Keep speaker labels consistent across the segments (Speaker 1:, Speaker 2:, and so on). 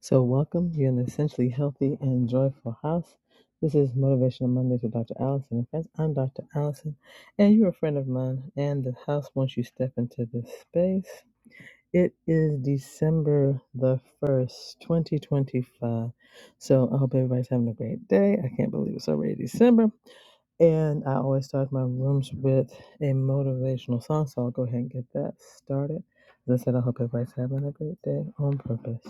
Speaker 1: So, welcome. You're in an essentially healthy and joyful house. This is Motivational Mondays with Dr. Allison and friends. I'm Dr. Allison, and you're a friend of mine and the house once you step into this space. It is December the 1st, 2025. So, I hope everybody's having a great day. I can't believe it's already December. And I always start my rooms with a motivational song, so I'll go ahead and get that started. As I said, I hope everybody's having a great day on purpose.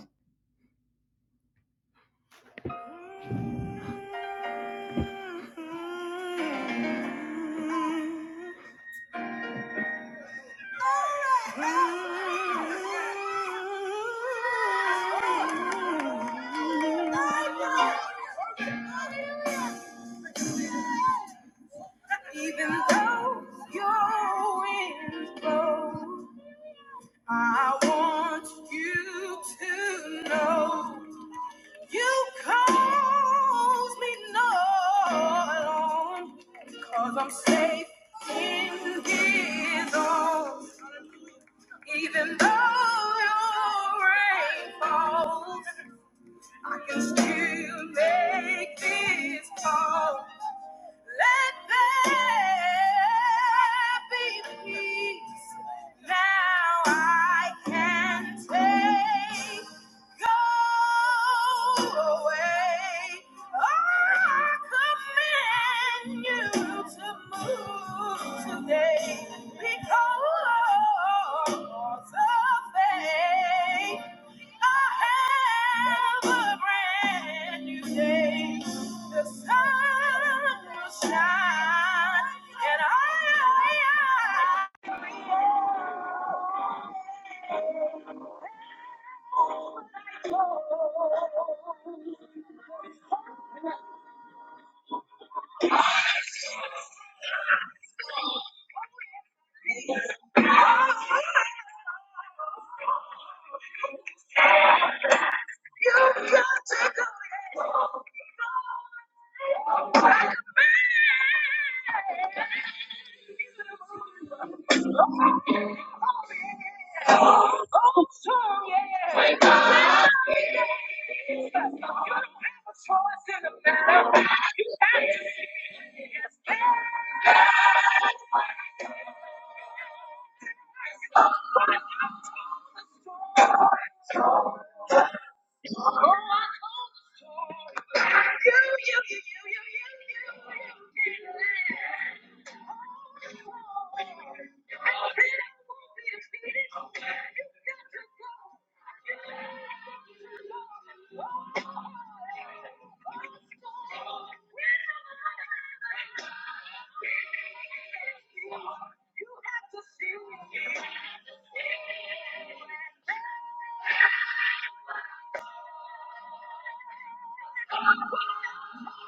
Speaker 1: Even though your winds blow, I want you to know You cause me no alarm, i I'm safe in his arms. Even though your rain falls, I can still make this call. Let there be peace. Now I can take. Go away. I command you to move today because of faith. I have a brand new day. The sun will shine, and I, I, I No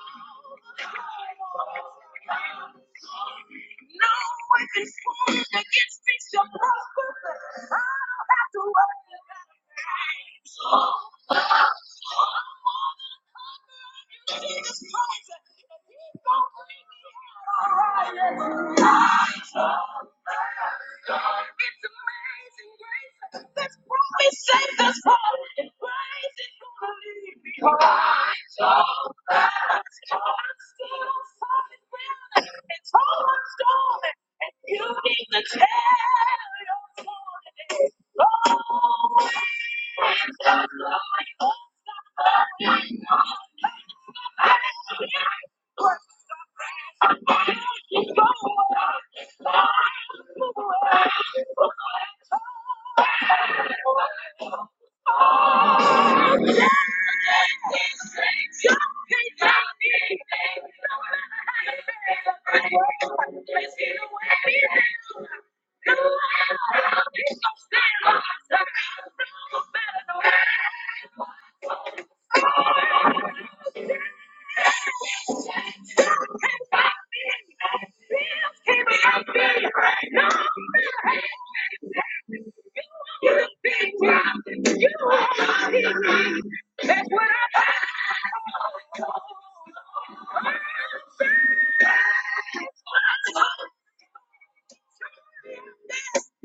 Speaker 1: weapon formed against me shall prosper. I don't have to worry about it. I'm more than conqueror in Jesus Christ, and He's gonna bring me Light up the darkness. It's amazing grace that's brought me safe this far. It's amazing you believe me. Light up the darkness. I'm still on top of the world and through my storming, and you need to tell your story. Always.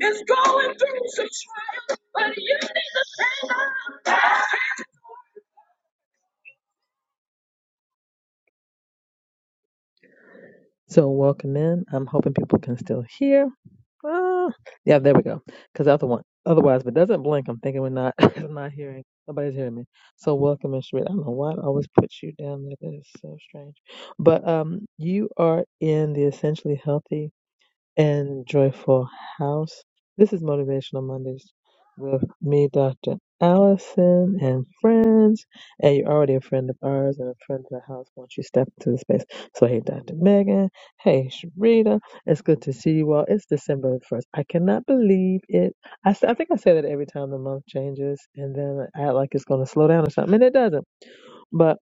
Speaker 1: It's going through some trials, but you need to stand up. So welcome in. I'm hoping people can still hear. Ah, yeah, there we go. Because other one, otherwise, if it doesn't blink, I'm thinking we're not, I'm not hearing. Nobody's hearing me. So welcome in, Sharita. I don't know why I always put you down there. That is so strange. But um, you are in the Essentially Healthy and Joyful House. This is Motivational Mondays with me, Dr. Allison, and friends. And you're already a friend of ours and a friend of the house once you step into the space. So, hey, Dr. Megan. Hey, Sharita. It's good to see you all. It's December the 1st. I cannot believe it. I, s- I think I say that every time the month changes, and then I act like it's going to slow down or something, and it doesn't. But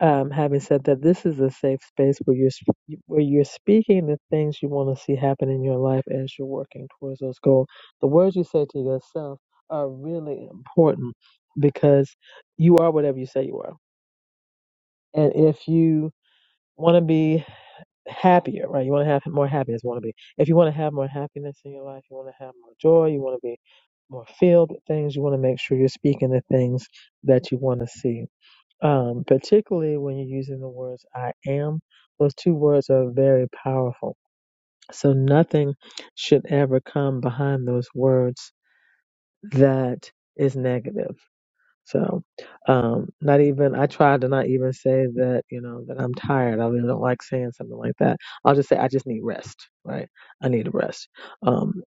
Speaker 1: um, having said that, this is a safe space where you're sp- where you're speaking the things you want to see happen in your life as you're working towards those goals. The words you say to yourself are really important because you are whatever you say you are. And if you want to be happier, right? You want to have more happiness. Want to be. If you want to have more happiness in your life, you want to have more joy. You want to be more filled with things. You want to make sure you're speaking the things that you want to see um, particularly when you're using the words I am, those two words are very powerful. So nothing should ever come behind those words that is negative. So, um, not even, I try to not even say that, you know, that I'm tired. I really don't like saying something like that. I'll just say, I just need rest, right? I need a rest. Um,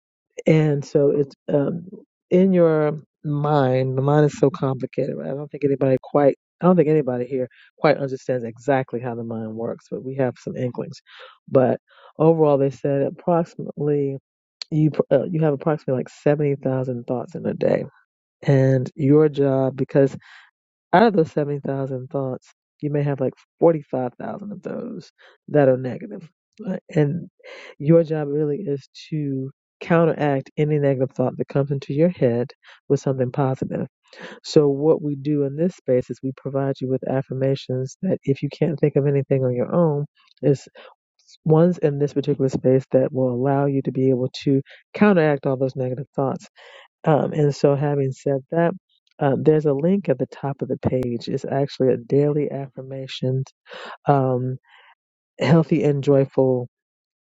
Speaker 1: and so it's, um, in your mind, the mind is so complicated, right? I don't think anybody quite, I don't think anybody here quite understands exactly how the mind works, but we have some inklings. But overall, they said approximately, you, pr- uh, you have approximately like 70,000 thoughts in a day and your job because out of those 70,000 thoughts, you may have like 45,000 of those that are negative. Right? And your job really is to counteract any negative thought that comes into your head with something positive. So, what we do in this space is we provide you with affirmations that if you can't think of anything on your own, is ones in this particular space that will allow you to be able to counteract all those negative thoughts um, and so, having said that, uh, there's a link at the top of the page. It's actually a daily affirmations, um, healthy and joyful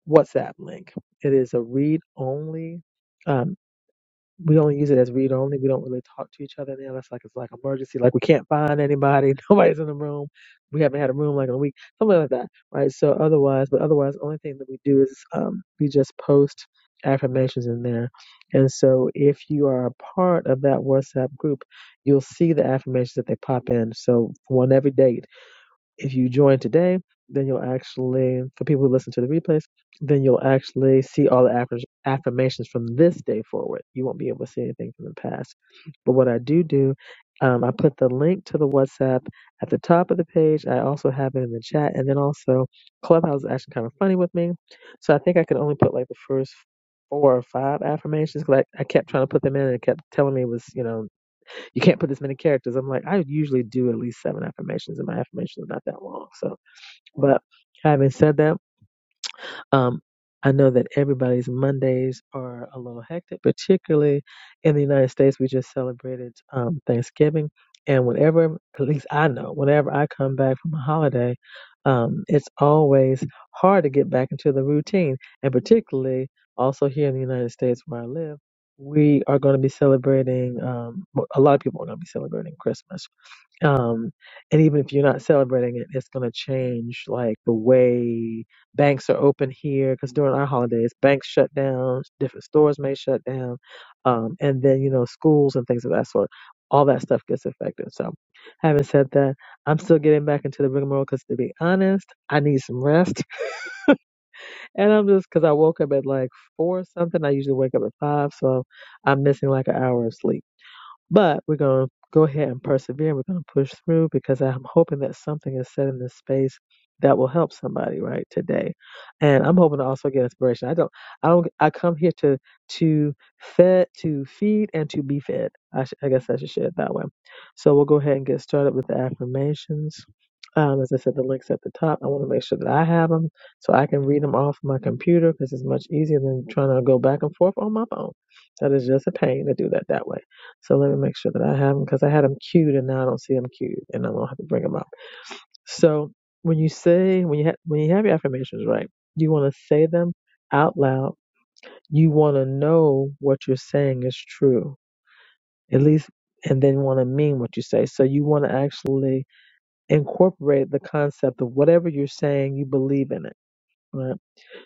Speaker 1: WhatsApp link. It is a read only. um, we only use it as read only. We don't really talk to each other now. That's like it's like emergency. Like we can't find anybody. Nobody's in the room. We haven't had a room like in a week. Something like that, right? So otherwise, but otherwise, the only thing that we do is um, we just post affirmations in there. And so if you are a part of that WhatsApp group, you'll see the affirmations that they pop in. So for one every day. If you join today, then you'll actually, for people who listen to the replays, then you'll actually see all the affir- affirmations from this day forward. You won't be able to see anything from the past. But what I do do, um, I put the link to the WhatsApp at the top of the page. I also have it in the chat. And then also, Clubhouse is actually kind of funny with me. So I think I could only put like the first four or five affirmations because I, I kept trying to put them in and it kept telling me it was, you know, you can't put this many characters. I'm like, I usually do at least seven affirmations, and my affirmations are not that long. So, but having said that. Um, I know that everybody's Mondays are a little hectic, particularly in the United States. We just celebrated um, Thanksgiving, and whenever, at least I know, whenever I come back from a holiday, um, it's always hard to get back into the routine, and particularly also here in the United States where I live. We are going to be celebrating. Um, a lot of people are going to be celebrating Christmas, um, and even if you're not celebrating it, it's going to change like the way banks are open here because during our holidays, banks shut down, different stores may shut down, um, and then you know schools and things of that sort. All that stuff gets affected. So, having said that, I'm still getting back into the rigmarole because to be honest, I need some rest, and I'm just because I woke up at like four something. I usually wake up at five, so I'm missing like an hour of sleep. But we're going to go ahead and persevere. We're going to push through because I'm hoping that something is said in this space that will help somebody right today. And I'm hoping to also get inspiration. I don't, I don't, I come here to, to fed, to feed and to be fed. I, sh- I guess I should say it that way. So we'll go ahead and get started with the affirmations. Um, as I said, the links at the top. I want to make sure that I have them so I can read them off my computer because it's much easier than trying to go back and forth on my phone. That is just a pain to do that that way. So let me make sure that I have them because I had them queued and now I don't see them queued and I'm gonna have to bring them up. So when you say when you ha- when you have your affirmations right, you want to say them out loud. You want to know what you're saying is true, at least, and then want to mean what you say. So you want to actually incorporate the concept of whatever you're saying. You believe in it, right?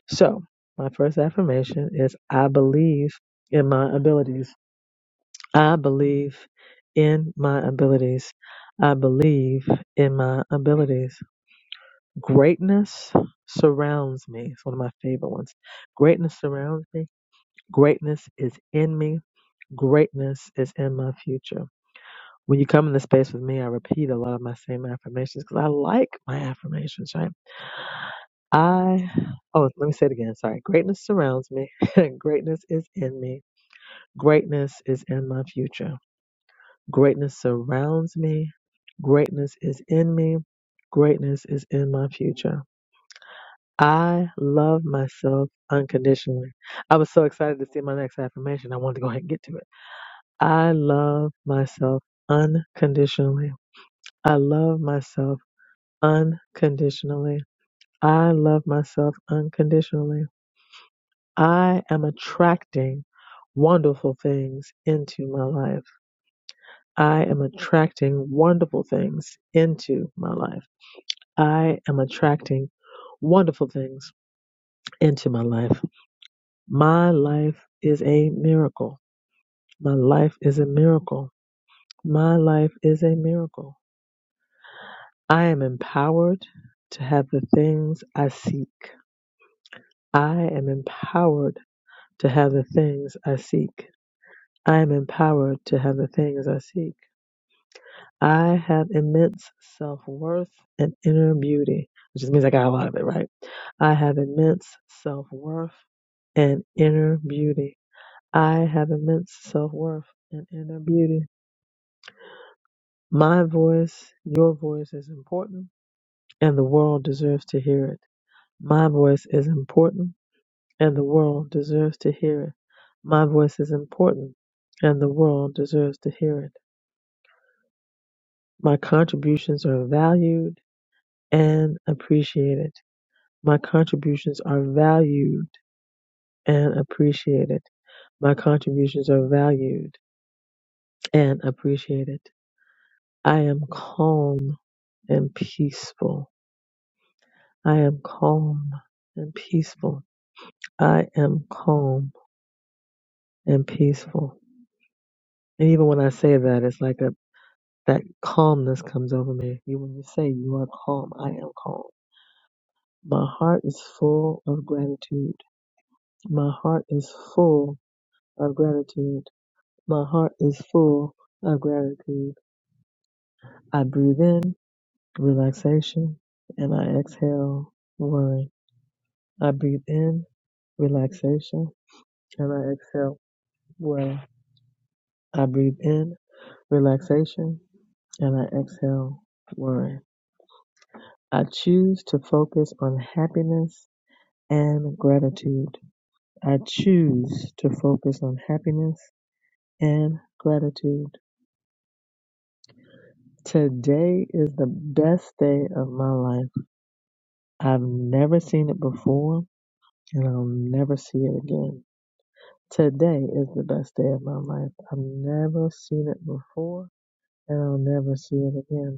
Speaker 1: So my first affirmation is I believe in my abilities. I believe in my abilities. I believe in my abilities. Greatness surrounds me. It's one of my favorite ones. Greatness surrounds me. Greatness is in me. Greatness is in my future. When you come in the space with me, I repeat a lot of my same affirmations because I like my affirmations, right? I, oh, let me say it again. Sorry. Greatness surrounds me. Greatness is in me. Greatness is in my future. Greatness surrounds me. Greatness is in me. Greatness is in my future. I love myself unconditionally. I was so excited to see my next affirmation. I wanted to go ahead and get to it. I love myself unconditionally. I love myself unconditionally. I love myself unconditionally. I am attracting wonderful things into my life. I am attracting wonderful things into my life. I am attracting wonderful things into my life. My life is a miracle. My life is a miracle. My life is a miracle. I am empowered to have the things I seek. I am empowered to have the things I seek. I am empowered to have the things I seek. I have immense self worth and inner beauty, which just means I got a lot of it, right? I have immense self worth and inner beauty. I have immense self worth and inner beauty. My voice, your voice is important, and the world deserves to hear it. My voice is important, and the world deserves to hear it. My voice is important, and the world deserves to hear it. My contributions are valued and appreciated. My contributions are valued and appreciated. My contributions are valued and appreciated. I am calm and peaceful. I am calm and peaceful. I am calm and peaceful. And even when I say that, it's like a that calmness comes over me. You when you say you are calm, I am calm. My heart is full of gratitude. My heart is full of gratitude. My heart is full of gratitude. I breathe in relaxation and I exhale worry. I breathe in relaxation and I exhale worry. I breathe in relaxation and I exhale worry. I choose to focus on happiness and gratitude. I choose to focus on happiness and gratitude. Today is the best day of my life. I've never seen it before and I'll never see it again. Today is the best day of my life. I've never seen it before and I'll never see it again.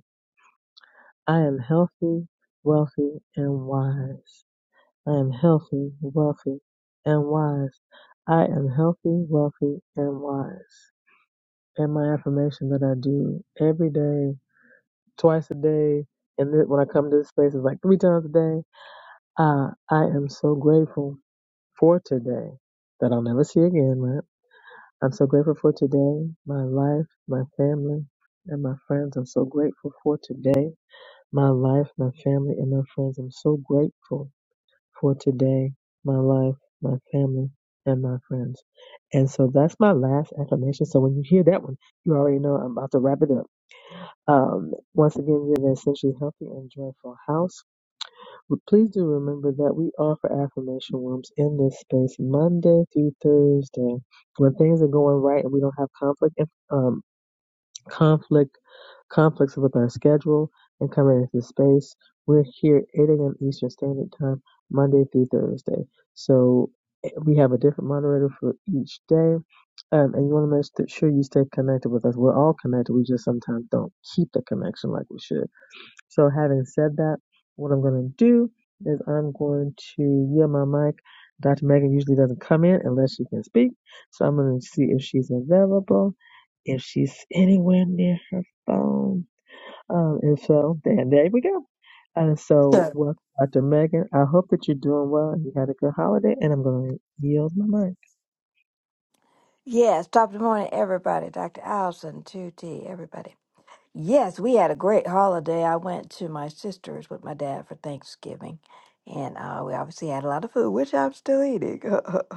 Speaker 1: I am healthy, wealthy, and wise. I am healthy, wealthy, and wise. I am healthy, wealthy, and wise. And my affirmation that I do every day, twice a day, and then when I come to this space, it's like three times a day. Uh, I am so grateful for today that I'll never see again, right? I'm so grateful for today, my life, my family, and my friends. I'm so grateful for today. my life, my family, and my friends. I'm so grateful for today, my life, my family, and my friends. And so that's my last affirmation. So when you hear that one, you already know I'm about to wrap it up. Um, once again, we have an essentially healthy and joyful house. But please do remember that we offer affirmation rooms in this space Monday through Thursday. When things are going right and we don't have conflict, um, conflict conflicts with our schedule, and coming into space. We're here 8 a.m. Eastern Standard Time, Monday through Thursday. So eh, we have a different moderator for each day. Um, and you want to make sure you stay connected with us. We're all connected. We just sometimes don't keep the connection like we should. So, having said that, what I'm going to do is I'm going to yield my mic. Dr. Megan usually doesn't come in unless she can speak. So, I'm going to see if she's available, if she's anywhere near her phone. Um, and so then there we go. And so
Speaker 2: So,
Speaker 1: welcome Dr. Megan. I hope that you're doing well and you had a good holiday and I'm gonna yield my mic.
Speaker 2: yes, top of the morning, everybody. Dr. Allison, 2T, everybody. Yes, we had a great holiday. I went to my sister's with my dad for Thanksgiving. And uh, we obviously had a lot of food, which I'm still eating.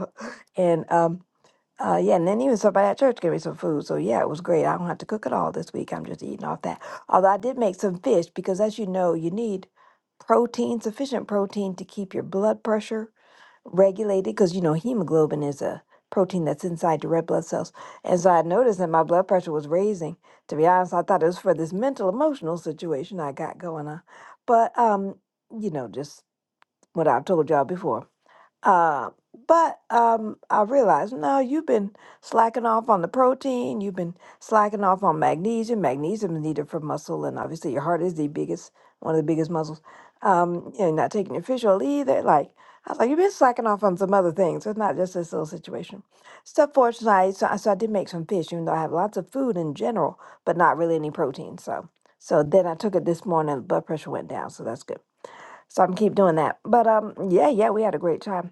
Speaker 2: and um, uh, yeah, and then even somebody at church gave me some food. So yeah, it was great. I don't have to cook it all this week. I'm just eating off that. Although I did make some fish because, as you know, you need protein, sufficient protein to keep your blood pressure regulated because you know hemoglobin is a protein that's inside the red blood cells and so i noticed that my blood pressure was raising to be honest i thought it was for this mental emotional situation i got going on but um you know just what i've told y'all before uh, but um, I realized, no, you've been slacking off on the protein, you've been slacking off on magnesium. Magnesium is needed for muscle, and obviously your heart is the biggest, one of the biggest muscles. Um, you're not taking your fish oil either. Like, I was like, you've been slacking off on some other things. It's not just this little situation. So fortunately, I, so, I- so I did make some fish, even though I have lots of food in general, but not really any protein. So, so then I took it this morning, blood pressure went down, so that's good. So I am keep doing that. But um, yeah, yeah, we had a great time.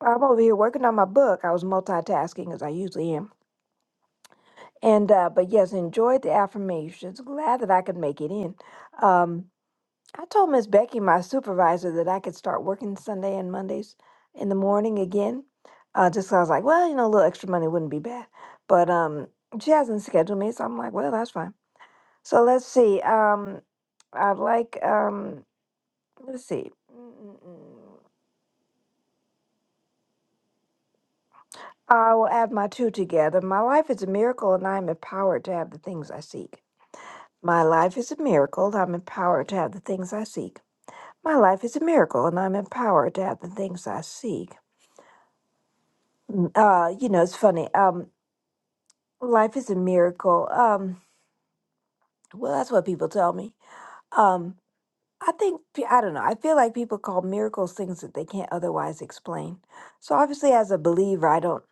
Speaker 2: I'm over here working on my book. I was multitasking as I usually am. And uh, but yes, enjoyed the affirmations. Glad that I could make it in. Um, I told Miss Becky, my supervisor, that I could start working Sunday and Mondays in the morning again. Uh, just 'cause I was like, well, you know, a little extra money wouldn't be bad. But um, she hasn't scheduled me, so I'm like, well, that's fine. So let's see. Um, I'd like um, let's see. Mm, mm, mm. I will add my two together. My life is a miracle, and I am empowered to have the things I seek. My life is a miracle, and I'm empowered to have the things I seek. My life is a miracle, and I'm empowered to have the things I seek. Uh, you know, it's funny. Um, life is a miracle. Um, well, that's what people tell me. Um. I think, pe- I don't know, I feel like people call miracles things that they can't otherwise explain. So obviously, as a believer, I don't,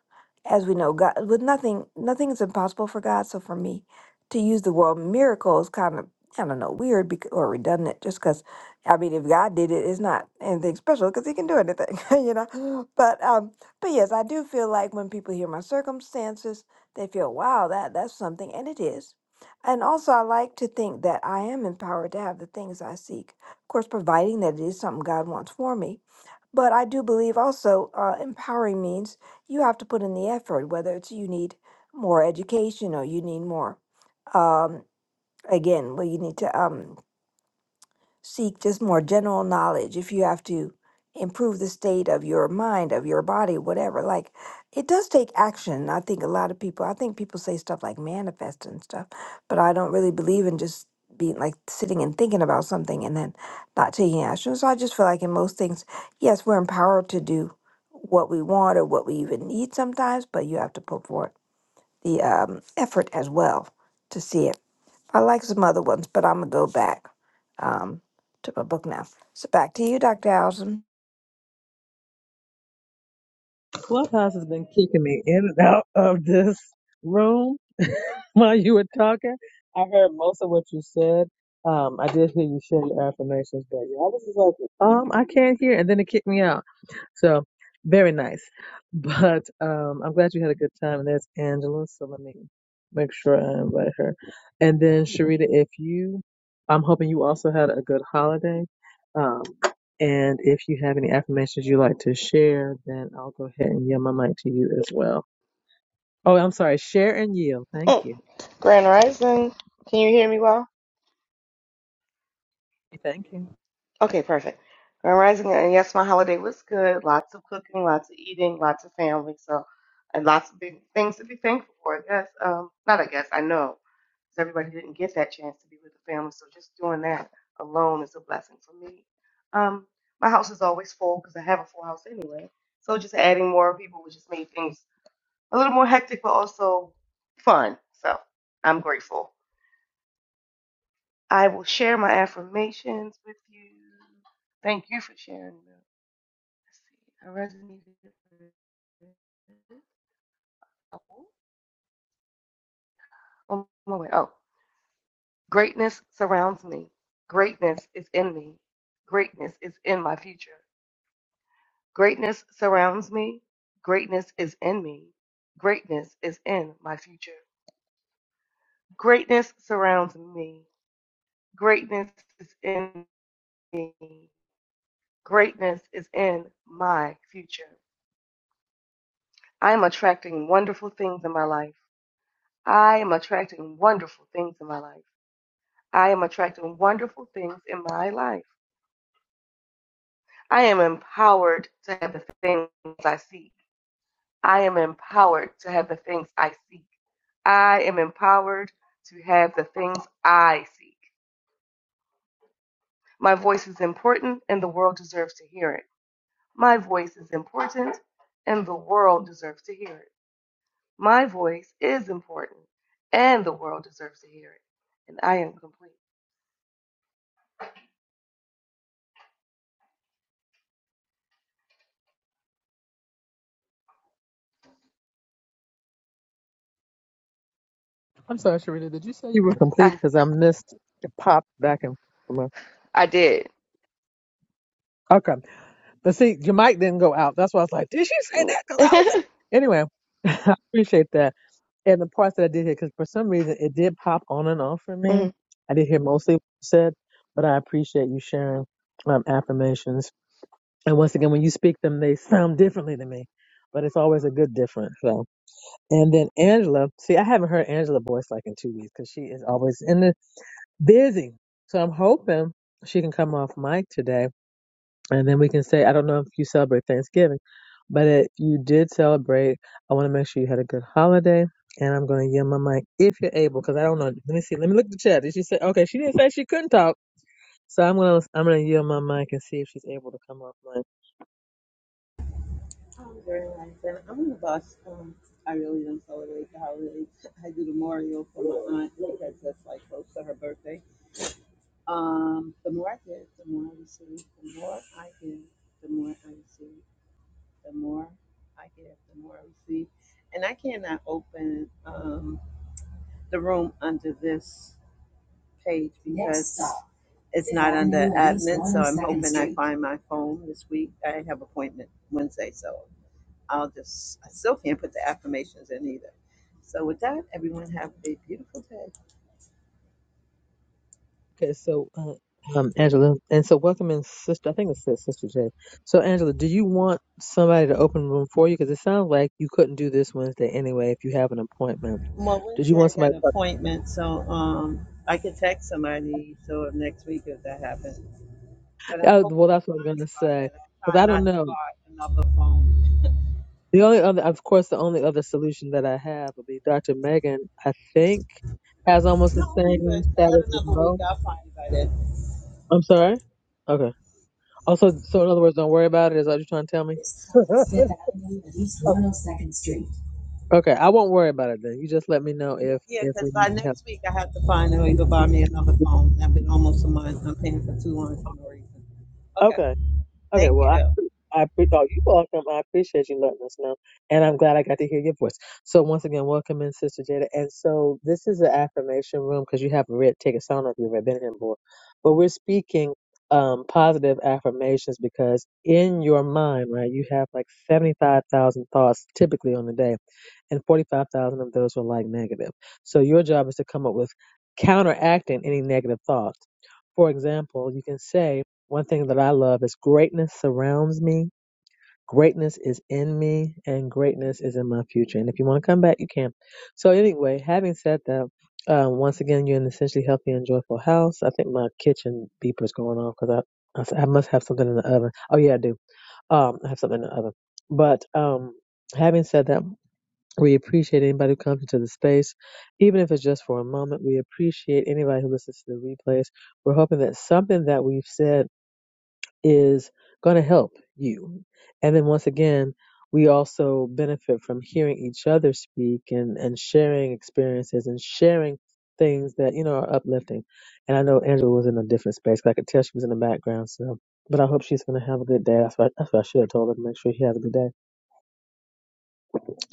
Speaker 2: as we know, God, with nothing, nothing is impossible for God. So for me to use the word miracle is kind of, I don't know, weird bec- or redundant just because, I mean, if God did it, it's not anything special because he can do anything, you know? But, um, but yes, I do feel like when people hear my circumstances, they feel, wow, that that's something. And it is. And also, I like to think that I am empowered to have the things I seek. Of course, providing that it is something God wants for me. But I do believe also uh, empowering means you have to put in the effort, whether it's you need more education or you need more. Um, again, well, you need to. Um, seek just more general knowledge if you have to improve the state of your mind of your body whatever like it does take action i think a lot of people i think people say stuff like manifest and stuff but i don't really believe in just being like sitting and thinking about something and then not taking action so i just feel like in most things yes we're empowered to do what we want or what we even need sometimes but you have to put forth the um, effort as well to see it I like some other ones, but I'm gonna go back um, to my book now. So back to you, Dr. Allison.
Speaker 1: Clubhouse has been kicking me in and out of this room while you were talking. I heard most of what you said. Um, I did hear you share your affirmations, but yeah, I was just like, um, I can't hear, and then it kicked me out. So very nice. But um, I'm glad you had a good time. And that's Angela. So let me make sure I invite her. And then Sharita, if you, I'm hoping you also had a good holiday. Um, and if you have any affirmations you'd like to share, then I'll go ahead and yield my mic to you as well. Oh, I'm sorry. Share and yield. Thank
Speaker 3: Oh,
Speaker 1: you.
Speaker 3: Grand Rising. Can you hear me well?
Speaker 1: Thank you.
Speaker 3: Okay, perfect. Grand Rising, and yes, my holiday was good. Lots of cooking, lots of eating, lots of family, so and lots of big things to be thankful for. I guess, um, not I guess I know because everybody didn't get that chance to be with the family. So just doing that alone is a blessing for me. Um, my house is always full because I have a full house anyway. So just adding more people would just make things a little more hectic, but also fun. So I'm grateful. I will share my affirmations with you. Thank you for sharing them. Let's see. I resonated with- oh, on my way. Oh, greatness surrounds me. Greatness is in me. Greatness is in my future. Greatness surrounds me. Greatness is in me. Greatness is in my future. Greatness surrounds me. Greatness is in me. Greatness is in my future. I'm attracting wonderful things in my life. I am attracting wonderful things in my life. I am attracting wonderful things in my life. I am empowered to have the things I seek. I am empowered to have the things I seek. I am empowered to have the things I seek. My voice is important and the world deserves to hear it. My voice is important and the world deserves to hear it. My voice is important and the world deserves to hear it. And I am complete.
Speaker 1: I'm sorry, Sharita. Did you say you were complete?
Speaker 3: I
Speaker 1: Because I missed it popped back and forth.
Speaker 3: I did.
Speaker 1: Okay. But see, your mic didn't go out. That's why I was like, did she say that? Because I was like, anyway. I appreciate that. And the parts that I did hear, because for some reason it did pop on and off for me.
Speaker 3: Mhm.
Speaker 1: I did hear mostly what you said, but I appreciate you sharing um, affirmations. And once again, when you speak them, they sound differently to me, but it's always a good difference. So, and then Angela, see, I haven't heard Angela's voice like in two weeks because she is always in the busy. So I'm hoping she can come off mic today and then we can say, I don't know if you celebrate Thanksgiving, but if you did celebrate, I want to make sure you had a good holiday. And I'm going to yield my mic if you're able, because I don't know. Let me see. Let me look at the chat. Did she say? Okay, she didn't say she couldn't talk. So I'm gonna I'm gonna yield my mic and see if she's able to come off mic.
Speaker 4: Oh, very nice, and I'm the boss. Um, I really don't celebrate the holidays. I do the memorial for my aunt because that's like close to her birthday. Um, the more I give, the more I receive. The more I give, the more I receive. The more I give, the more I receive. And I cannot open um, the room under this page because it's not under admin. So I'm hoping I find my phone this week. I have appointment Wednesday, so I'll just, I still can't put the affirmations in either. So with that, everyone have a beautiful day.
Speaker 1: Okay, so uh, um Angela, and so welcome in sister. I think it says sister J. So Angela, do you want somebody to open the room for you? Because it sounds like you couldn't do this Wednesday anyway if you have an appointment.
Speaker 4: Well,
Speaker 1: Did you
Speaker 4: Wednesday
Speaker 1: want
Speaker 4: I got
Speaker 1: somebody?
Speaker 4: an appointment, so um, I can text somebody so next week if that happens. But I'm
Speaker 1: Uh,
Speaker 4: hoping
Speaker 1: well,
Speaker 4: to
Speaker 1: that's what I'm
Speaker 4: find
Speaker 1: gonna
Speaker 4: it by
Speaker 1: say.
Speaker 4: then.
Speaker 1: But
Speaker 4: I'm
Speaker 1: I
Speaker 4: trying not
Speaker 1: don't
Speaker 4: to
Speaker 1: know.
Speaker 4: buy another phone.
Speaker 1: The only other, of course, the only other solution that I have would be Dr. Megan. I think has almost the
Speaker 4: No, I'll be
Speaker 1: same
Speaker 4: good. I
Speaker 1: status
Speaker 4: got
Speaker 1: as
Speaker 4: another week.
Speaker 1: Mo.
Speaker 4: I'll find it by then.
Speaker 1: I'm sorry. Okay. Also, so in other words, don't worry about it. Is that what you're trying to tell me?
Speaker 4: This stop is Fifth Avenue at East 102nd Street.
Speaker 1: okay, I won't worry about it then. You just let me know if
Speaker 4: Yeah,
Speaker 1: if
Speaker 4: because
Speaker 1: we need
Speaker 4: by
Speaker 1: to have.
Speaker 4: next week I have to find a way to buy me another phone. I've been almost a month. I'm paying for two months for no reason. Okay.
Speaker 1: Okay. Okay.
Speaker 4: Thank
Speaker 1: Well,
Speaker 4: you, though.
Speaker 1: I pre- oh, you're welcome. I appreciate you letting us know, and I'm glad I got to hear your voice. So once again, welcome in, Sister Jada. And so this is the affirmation room because you have a red ticket. So I don't know if you've ever been here before, but we're speaking um, positive affirmations because in your mind, right, you have like seventy-five thousand thoughts typically on the day, and forty-five thousand of those are like negative. So your job is to come up with counteracting any negative thoughts. For example, you can say one thing that I love is greatness surrounds me, greatness is in me, and greatness is in my future. And if you want to come back, you can. So, anyway, having said that, uh, once again, you're in an essentially healthy and joyful house. I think my kitchen beeper's going off because I, I s- I must have something in the oven. Oh, yeah, I do. Um, I have something in the oven. But um, having said that, we appreciate anybody who comes into the space, even if it's just for a moment. We appreciate anybody who listens to the replays. We're hoping that something that we've said is going to help you. And then once again, we also benefit from hearing each other speak and, and sharing experiences and sharing things that, you know, are uplifting. And I know Angela was in a different space. 'cause I could tell she was in the background. So, but I hope she's going to have a good day. That's what, that's what I should have told her to make sure she has a good day.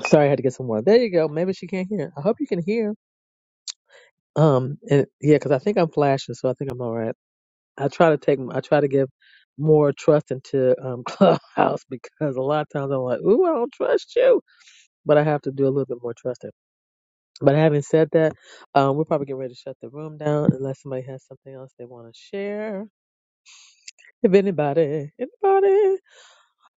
Speaker 1: Sorry, I had to get some water. There you go. Maybe she can't hear. I hope you can hear. Um, and yeah, cause I think I'm flashing. So I think I'm all right. I try to take I try to give more trust into um, Clubhouse because a lot of times I'm like, ooh, I don't trust you, but I have to do a little bit more trusting. But having said that, um, we're probably getting ready to shut the room down unless somebody has something else they want to share. If anybody, anybody.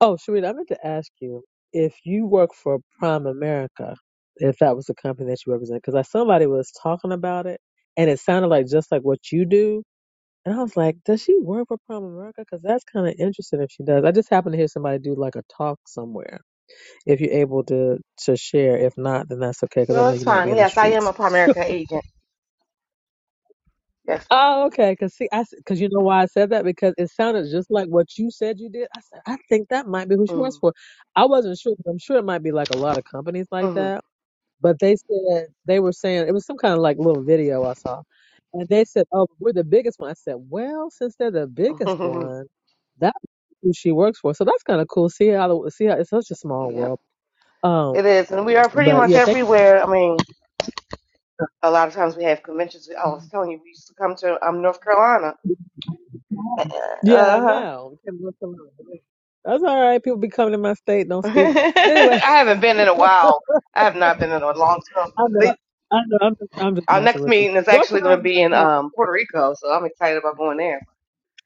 Speaker 1: Oh, Sharita, I meant to ask you if you work for Prime America, if that was the company that you represent, because somebody was talking about it and it sounded like just like what you do And I was like, does she work for Prime America? Because that's kind of interesting if she does. I just happened to hear somebody do like a talk somewhere. If you're able to to share, if not, then that's okay. Because I
Speaker 3: No,
Speaker 1: know
Speaker 3: it's
Speaker 1: you might be
Speaker 3: fine.
Speaker 1: in the
Speaker 3: Yes, I am
Speaker 1: streets.
Speaker 3: a Primerica agent. Yes.
Speaker 1: Oh, okay. Because see, I because you know why I said that because it sounded just like what you said you did. I said I think that might be who she works
Speaker 3: Mm.
Speaker 1: for. I wasn't sure. but I'm sure it might be like a lot of companies like
Speaker 3: Mhm.
Speaker 1: that But they said they were saying it was some kind of like little video I saw, and they said, "Oh, we're the biggest one." I said, "Well, since they're the biggest one, that's who she works for." So that's kind of cool. See how the- see how it's such a small
Speaker 3: yep,
Speaker 1: world. Um,
Speaker 3: it is, and we are pretty
Speaker 1: but
Speaker 3: much
Speaker 1: yeah, thank. you.
Speaker 3: everywhere. I mean, a lot of times we have conventions. I was telling you, we used to come to um North Carolina.
Speaker 1: Yeah, I
Speaker 3: Uh huh.
Speaker 1: know. Can't do it That's all right. People be coming to my state, don't speak. But anyway,
Speaker 3: I haven't been in a while. I have not been in a long time.
Speaker 1: I know.
Speaker 3: They-
Speaker 1: I know. I'm just, I'm just
Speaker 3: Our
Speaker 1: messing
Speaker 3: next
Speaker 1: with you.
Speaker 3: meeting is
Speaker 1: North
Speaker 3: actually going to
Speaker 1: Carolina's
Speaker 3: be
Speaker 1: not
Speaker 3: in
Speaker 1: small.
Speaker 3: um Puerto Rico, so I'm excited about going there.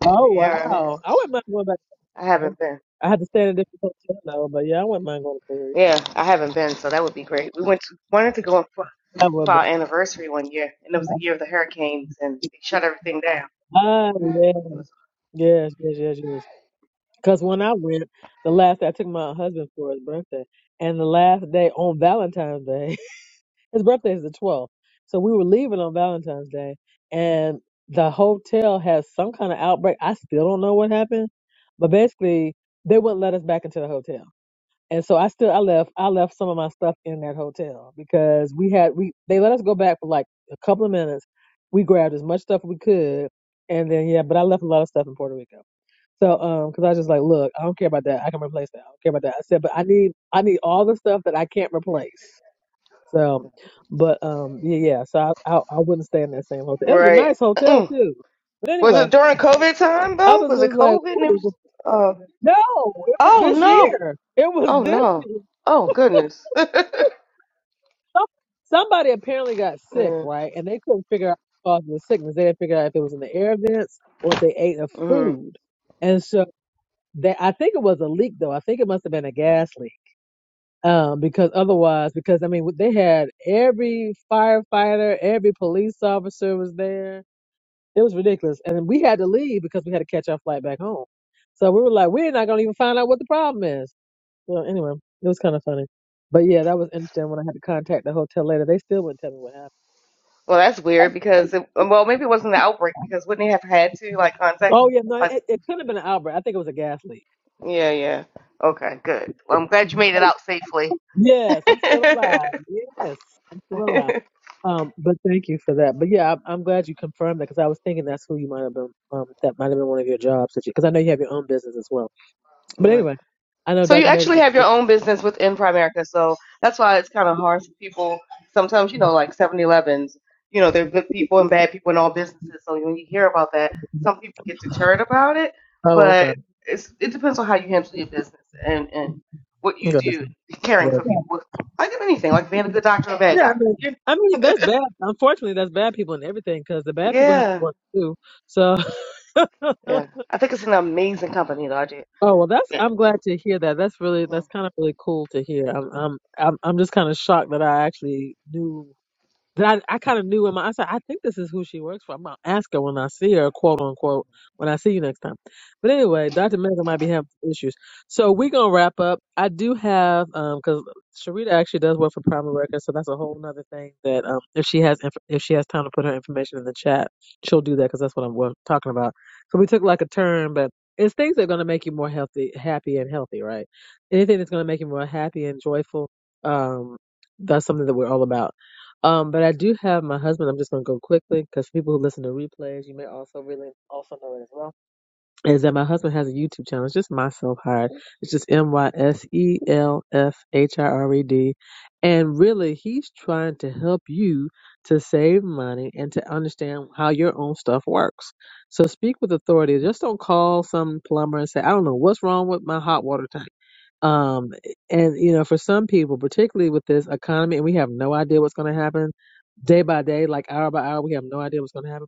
Speaker 1: Oh
Speaker 3: Yeah,
Speaker 1: wow! I wouldn't mind going back.
Speaker 3: I
Speaker 1: Okay.
Speaker 3: haven't been.
Speaker 1: I had to stand in different hotel though, but yeah, I wouldn't mind going to Puerto Rico.
Speaker 3: Yeah, I haven't been, so that would be great. We went to, wanted to go on fly
Speaker 1: That
Speaker 3: for
Speaker 1: would be.
Speaker 3: our anniversary one year, and it was the year of the hurricanes, and they shut everything down.
Speaker 1: Ah, yeah.
Speaker 3: It was
Speaker 1: Yes, yes, yes, yes. Because when I went, the last day I took my husband for his birthday, and the last day on Valentine's Day, his birthday is the 12th. So we were leaving on Valentine's Day, and the hotel has some kind of outbreak. I still don't know what happened, but basically, they wouldn't let us back into the hotel. And so I still I left I left some of my stuff in that hotel because we had we they let us go back for like a couple of minutes. We grabbed as much stuff as we could, and then yeah, but I left a lot of stuff in Puerto Rico. So um, because I was just like, look, I don't care about that. I can replace that. I don't care about that. I said, but I need I need all the stuff that I can't replace. So, but um, yeah, yeah. So I I, I wouldn't stay in that same hotel. It was a
Speaker 3: right.
Speaker 1: nice hotel
Speaker 3: Mm.
Speaker 1: too. But
Speaker 3: Was
Speaker 1: anyway,
Speaker 3: it during COVID time
Speaker 1: I
Speaker 3: though?
Speaker 1: was
Speaker 3: Was it
Speaker 1: just like,
Speaker 3: COVID?
Speaker 1: what
Speaker 3: And it
Speaker 1: is the-
Speaker 3: was. Uh,
Speaker 1: no, it was
Speaker 3: oh
Speaker 1: this
Speaker 3: no!
Speaker 1: year. It was
Speaker 3: Oh
Speaker 1: this
Speaker 3: no!
Speaker 1: year.
Speaker 3: Oh goodness!
Speaker 1: Some- Somebody apparently got sick,
Speaker 3: mm-hmm.
Speaker 1: right? And they couldn't figure out the cause of the sickness. They didn't figure out if it was in the air vents or if they ate a
Speaker 3: Well,
Speaker 1: food. And so they, I think it was a leak though. I think it must have been a gas leak. Um, because otherwise, because I mean, they had every firefighter, every police officer was there. It was ridiculous. And we had to leave because we had to catch our flight back home. So we were like, we're not going to even find out what the problem is. So anyway, it was kind of funny. But yeah, that was interesting when I had to contact the hotel later. They still wouldn't tell me what happened.
Speaker 3: that's weird because it, well, maybe it wasn't the outbreak because wouldn't they have had to like contact?
Speaker 1: Oh yeah, no,
Speaker 3: Like,
Speaker 1: it, it could have been an outbreak. I think it was a gas leak.
Speaker 3: yeah, yeah. Okay, good. Well, I'm glad you made it out safely.
Speaker 1: Yes, I'm still alive. Yes, I'm still alive. Um, but thank you for that. But yeah, I'm, I'm glad you confirmed that because I was thinking that's who you might have been. Um, that might have been one of your jobs that you, because I know you have your own business as well. But
Speaker 3: Right.
Speaker 1: anyway, I know
Speaker 3: So you
Speaker 1: Dr. Meg.
Speaker 3: actually have your own business within Primerica. So that's why it's kind of hard for people. Sometimes, you know, like Seven Elevens. you know, there are good people and bad people in all businesses. So when you hear about that, some people get deterred about it.
Speaker 1: Oh,
Speaker 3: But
Speaker 1: okay.
Speaker 3: it's, it depends on how you handle your business and, and what you
Speaker 1: Good.
Speaker 3: do,
Speaker 1: Good.
Speaker 3: caring for people with, like anything, like being a good doctor or a bad
Speaker 1: Yeah, I
Speaker 3: doctor.
Speaker 1: mean,
Speaker 3: Yeah.
Speaker 1: I mean, that's bad. Unfortunately, that's bad people and everything because the bad people have to
Speaker 3: Yeah.
Speaker 1: work too. So,
Speaker 3: Yeah. I think it's an amazing company, though. I do.
Speaker 1: Oh well, that's
Speaker 3: Yeah.
Speaker 1: I'm glad to hear that. That's really
Speaker 3: Mm,
Speaker 1: that's kind of really cool to hear. I'm I'm I'm I'm just kind of shocked that I actually knew that I, I kind of knew in my, I said, I think this is who she works for. I'm gonna ask her when I see her, quote unquote, when I see you next time. But anyway,
Speaker 3: mm.
Speaker 1: Dr. Megan might be having some issues. So we're gonna wrap up. I do have, um, cause Sharita actually does work for Prime Records, so that's a whole nother thing that, um, if she has, inf- if she has time to put her information in the chat, she'll do that, cause that's what I'm wa- talking about. So we took like a turn, but it's things that are gonna make you more healthy, happy and healthy, right? Anything that's gonna make you more happy and joyful, um, that's something that we're all about um, but I do have my husband. I'm just going to go quickly because people who listen to replays, you may also really also know it as well. Is that my husband has a YouTube channel? It's just myself hired. It's just M Y S E L F H I R E D, and really he's trying to help you to save money and to understand how your own stuff works. So speak with authority. Just don't call some plumber and say, "I don't know what's wrong with my hot water tank." Um, and you know, for some people, particularly with this economy, and we have no idea what's going to happen day by day, like hour by hour, we have no idea what's going to happen.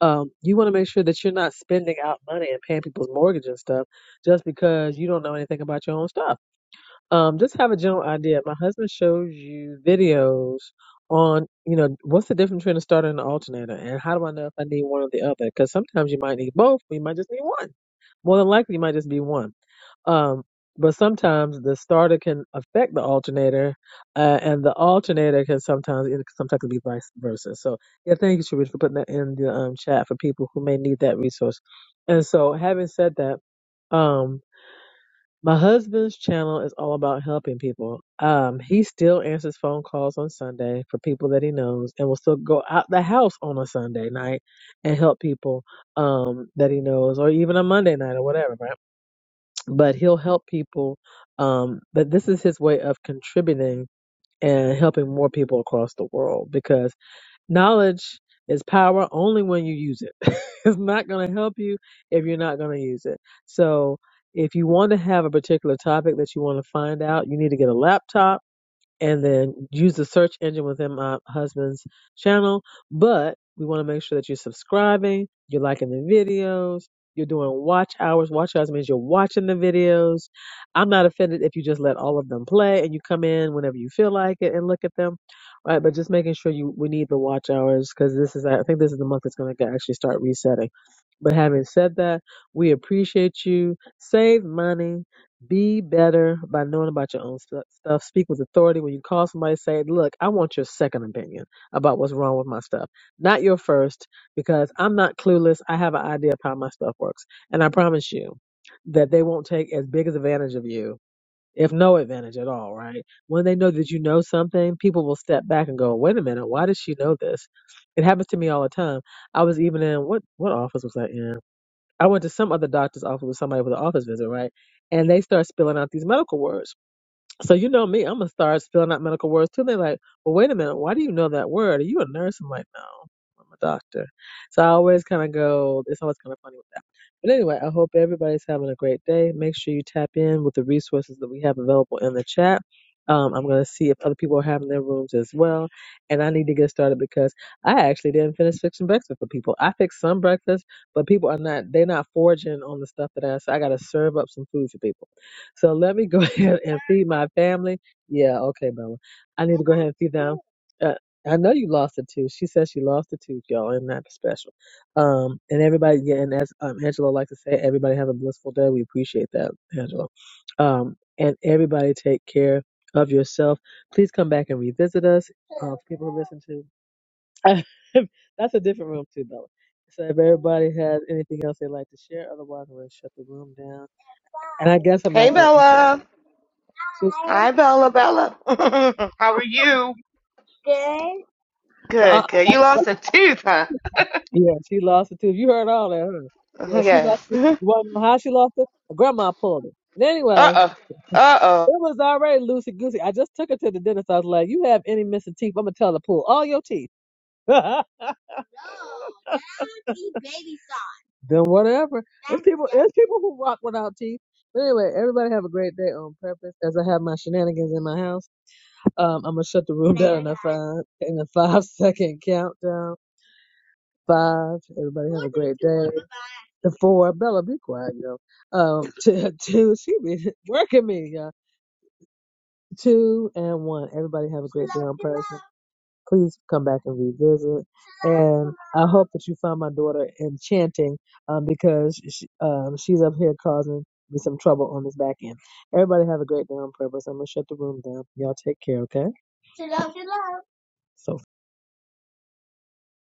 Speaker 1: Um, you want to make sure that you're not spending out money and paying people's mortgage and stuff just because you don't know anything about your own stuff um, just have a general idea. My husband shows you videos on, you know, what's the difference between a starter and an alternator, and how do I know if I need one or the other? Because sometimes you might need both, but you might just need one. More than likely, you might just be one. Um, but sometimes the starter can affect the alternator, uh, and the alternator can sometimes it sometimes can be vice versa. So yeah, thank you, Sharif, for putting that in the um, chat for people who may need that resource. And so, having said that, um, my husband's channel is all about helping people. Um, he still answers phone calls on Sunday for people that he knows and will still go out the house on a Sunday night and help people um that he knows or even a Monday night or whatever, right? But he'll help people um but this is his way of contributing and helping more people across the world because. Knowledge is power only when you use it. it's not going to help you if you're not going to use it. So, if you want to have a particular topic that you want to find out, you need to get a laptop and then use the search engine within my husband's channel. But we want to make sure that you're subscribing, you're liking the videos, you're doing watch hours. Watch hours means you're watching the videos. I'm not offended if you just let all of them play and you come in whenever you feel like it and look at them, right? But just making sure you we need the watch hours because this is I think this is the month that's going to actually start resetting. But having said that, we appreciate you. Save money. Be better by knowing about your own stu- stuff. Speak with authority. When you call somebody, say, Look, I want your second opinion about what's wrong with my stuff, not your first, because I'm not clueless. I have an idea of how my stuff works. And I promise you that they won't take as big as advantage of you, if no advantage at all, right? When they know that you know something, people will step back and go, Wait a minute, why does she know this? It happens to me all the time. I was even in what what office was I in? I went to some other doctor's office with somebody with an office visit, right? And they start spilling out these medical words. So you know me, I'm gonna start spelling out medical words too. And they're like, "Well, wait a minute, why do you know that word? Are you a nurse?" I'm like, "No, I'm a doctor." So I always kind of go. It's always kind of funny with that. But anyway, I hope everybody's having a great day. Make sure you tap in with the resources that we have available in the chat. Um, I'm gonna see if other people are having their rooms as well, and I need to get started because I actually didn't finish fixing breakfast for people. I fixed some breakfast, but people are not—they're not foraging on the stuff that I. So I gotta serve up some food for people. So let me go ahead and feed my family. Yeah, okay, Bella. I need to go ahead and feed them. Uh, I know you lost a tooth. She says she lost a tooth, y'all, and that special. Um, and everybody, yeah, and as um, Angela likes to say, everybody have a blissful day. We appreciate that, Angela. Um, and everybody take care of yourself. Please come back and revisit us. Uh, people who listen to, that's a different room too, Bella. So if everybody has anything else they'd like to share, otherwise we're gonna shut the room down. And I guess I'm
Speaker 3: Hey,
Speaker 1: not gonna
Speaker 3: Bella.
Speaker 1: She's,
Speaker 3: Hi, Bella. Bella. how are you?
Speaker 1: Good. uh,
Speaker 3: Good, good. You
Speaker 1: uh,
Speaker 3: lost a tooth, huh?
Speaker 1: yeah, she lost it too. You heard all that, huh? Yeah, she lost
Speaker 3: Yes.
Speaker 1: it. You want to know how she lost it? Her grandma pulled it. And
Speaker 3: Uh
Speaker 1: anyway,
Speaker 3: oh. Uh oh.
Speaker 1: it was already loosey goosey. I just took her to the dentist. I was like, "You have any missing teeth? I'm gonna tell her to pull all your teeth." then No, now she baby soft. whatever. There's people. there's people who rock without teeth. But anyway, everybody have a great day on purpose. As I have my shenanigans in my house, um, I'm gonna shut the room down in a five in a five second countdown. five. Everybody have a great day. The four, Bella, be quiet, yo. Um, two, two, she be working me, y'all. Two and one. Everybody have a great day on person. Please come back and revisit. And I hope that you find my daughter enchanting, um, because she, um, she's up here causing me some trouble on this back end. Everybody have a great day on purpose. I'm gonna shut the room down. Y'all take care, okay? So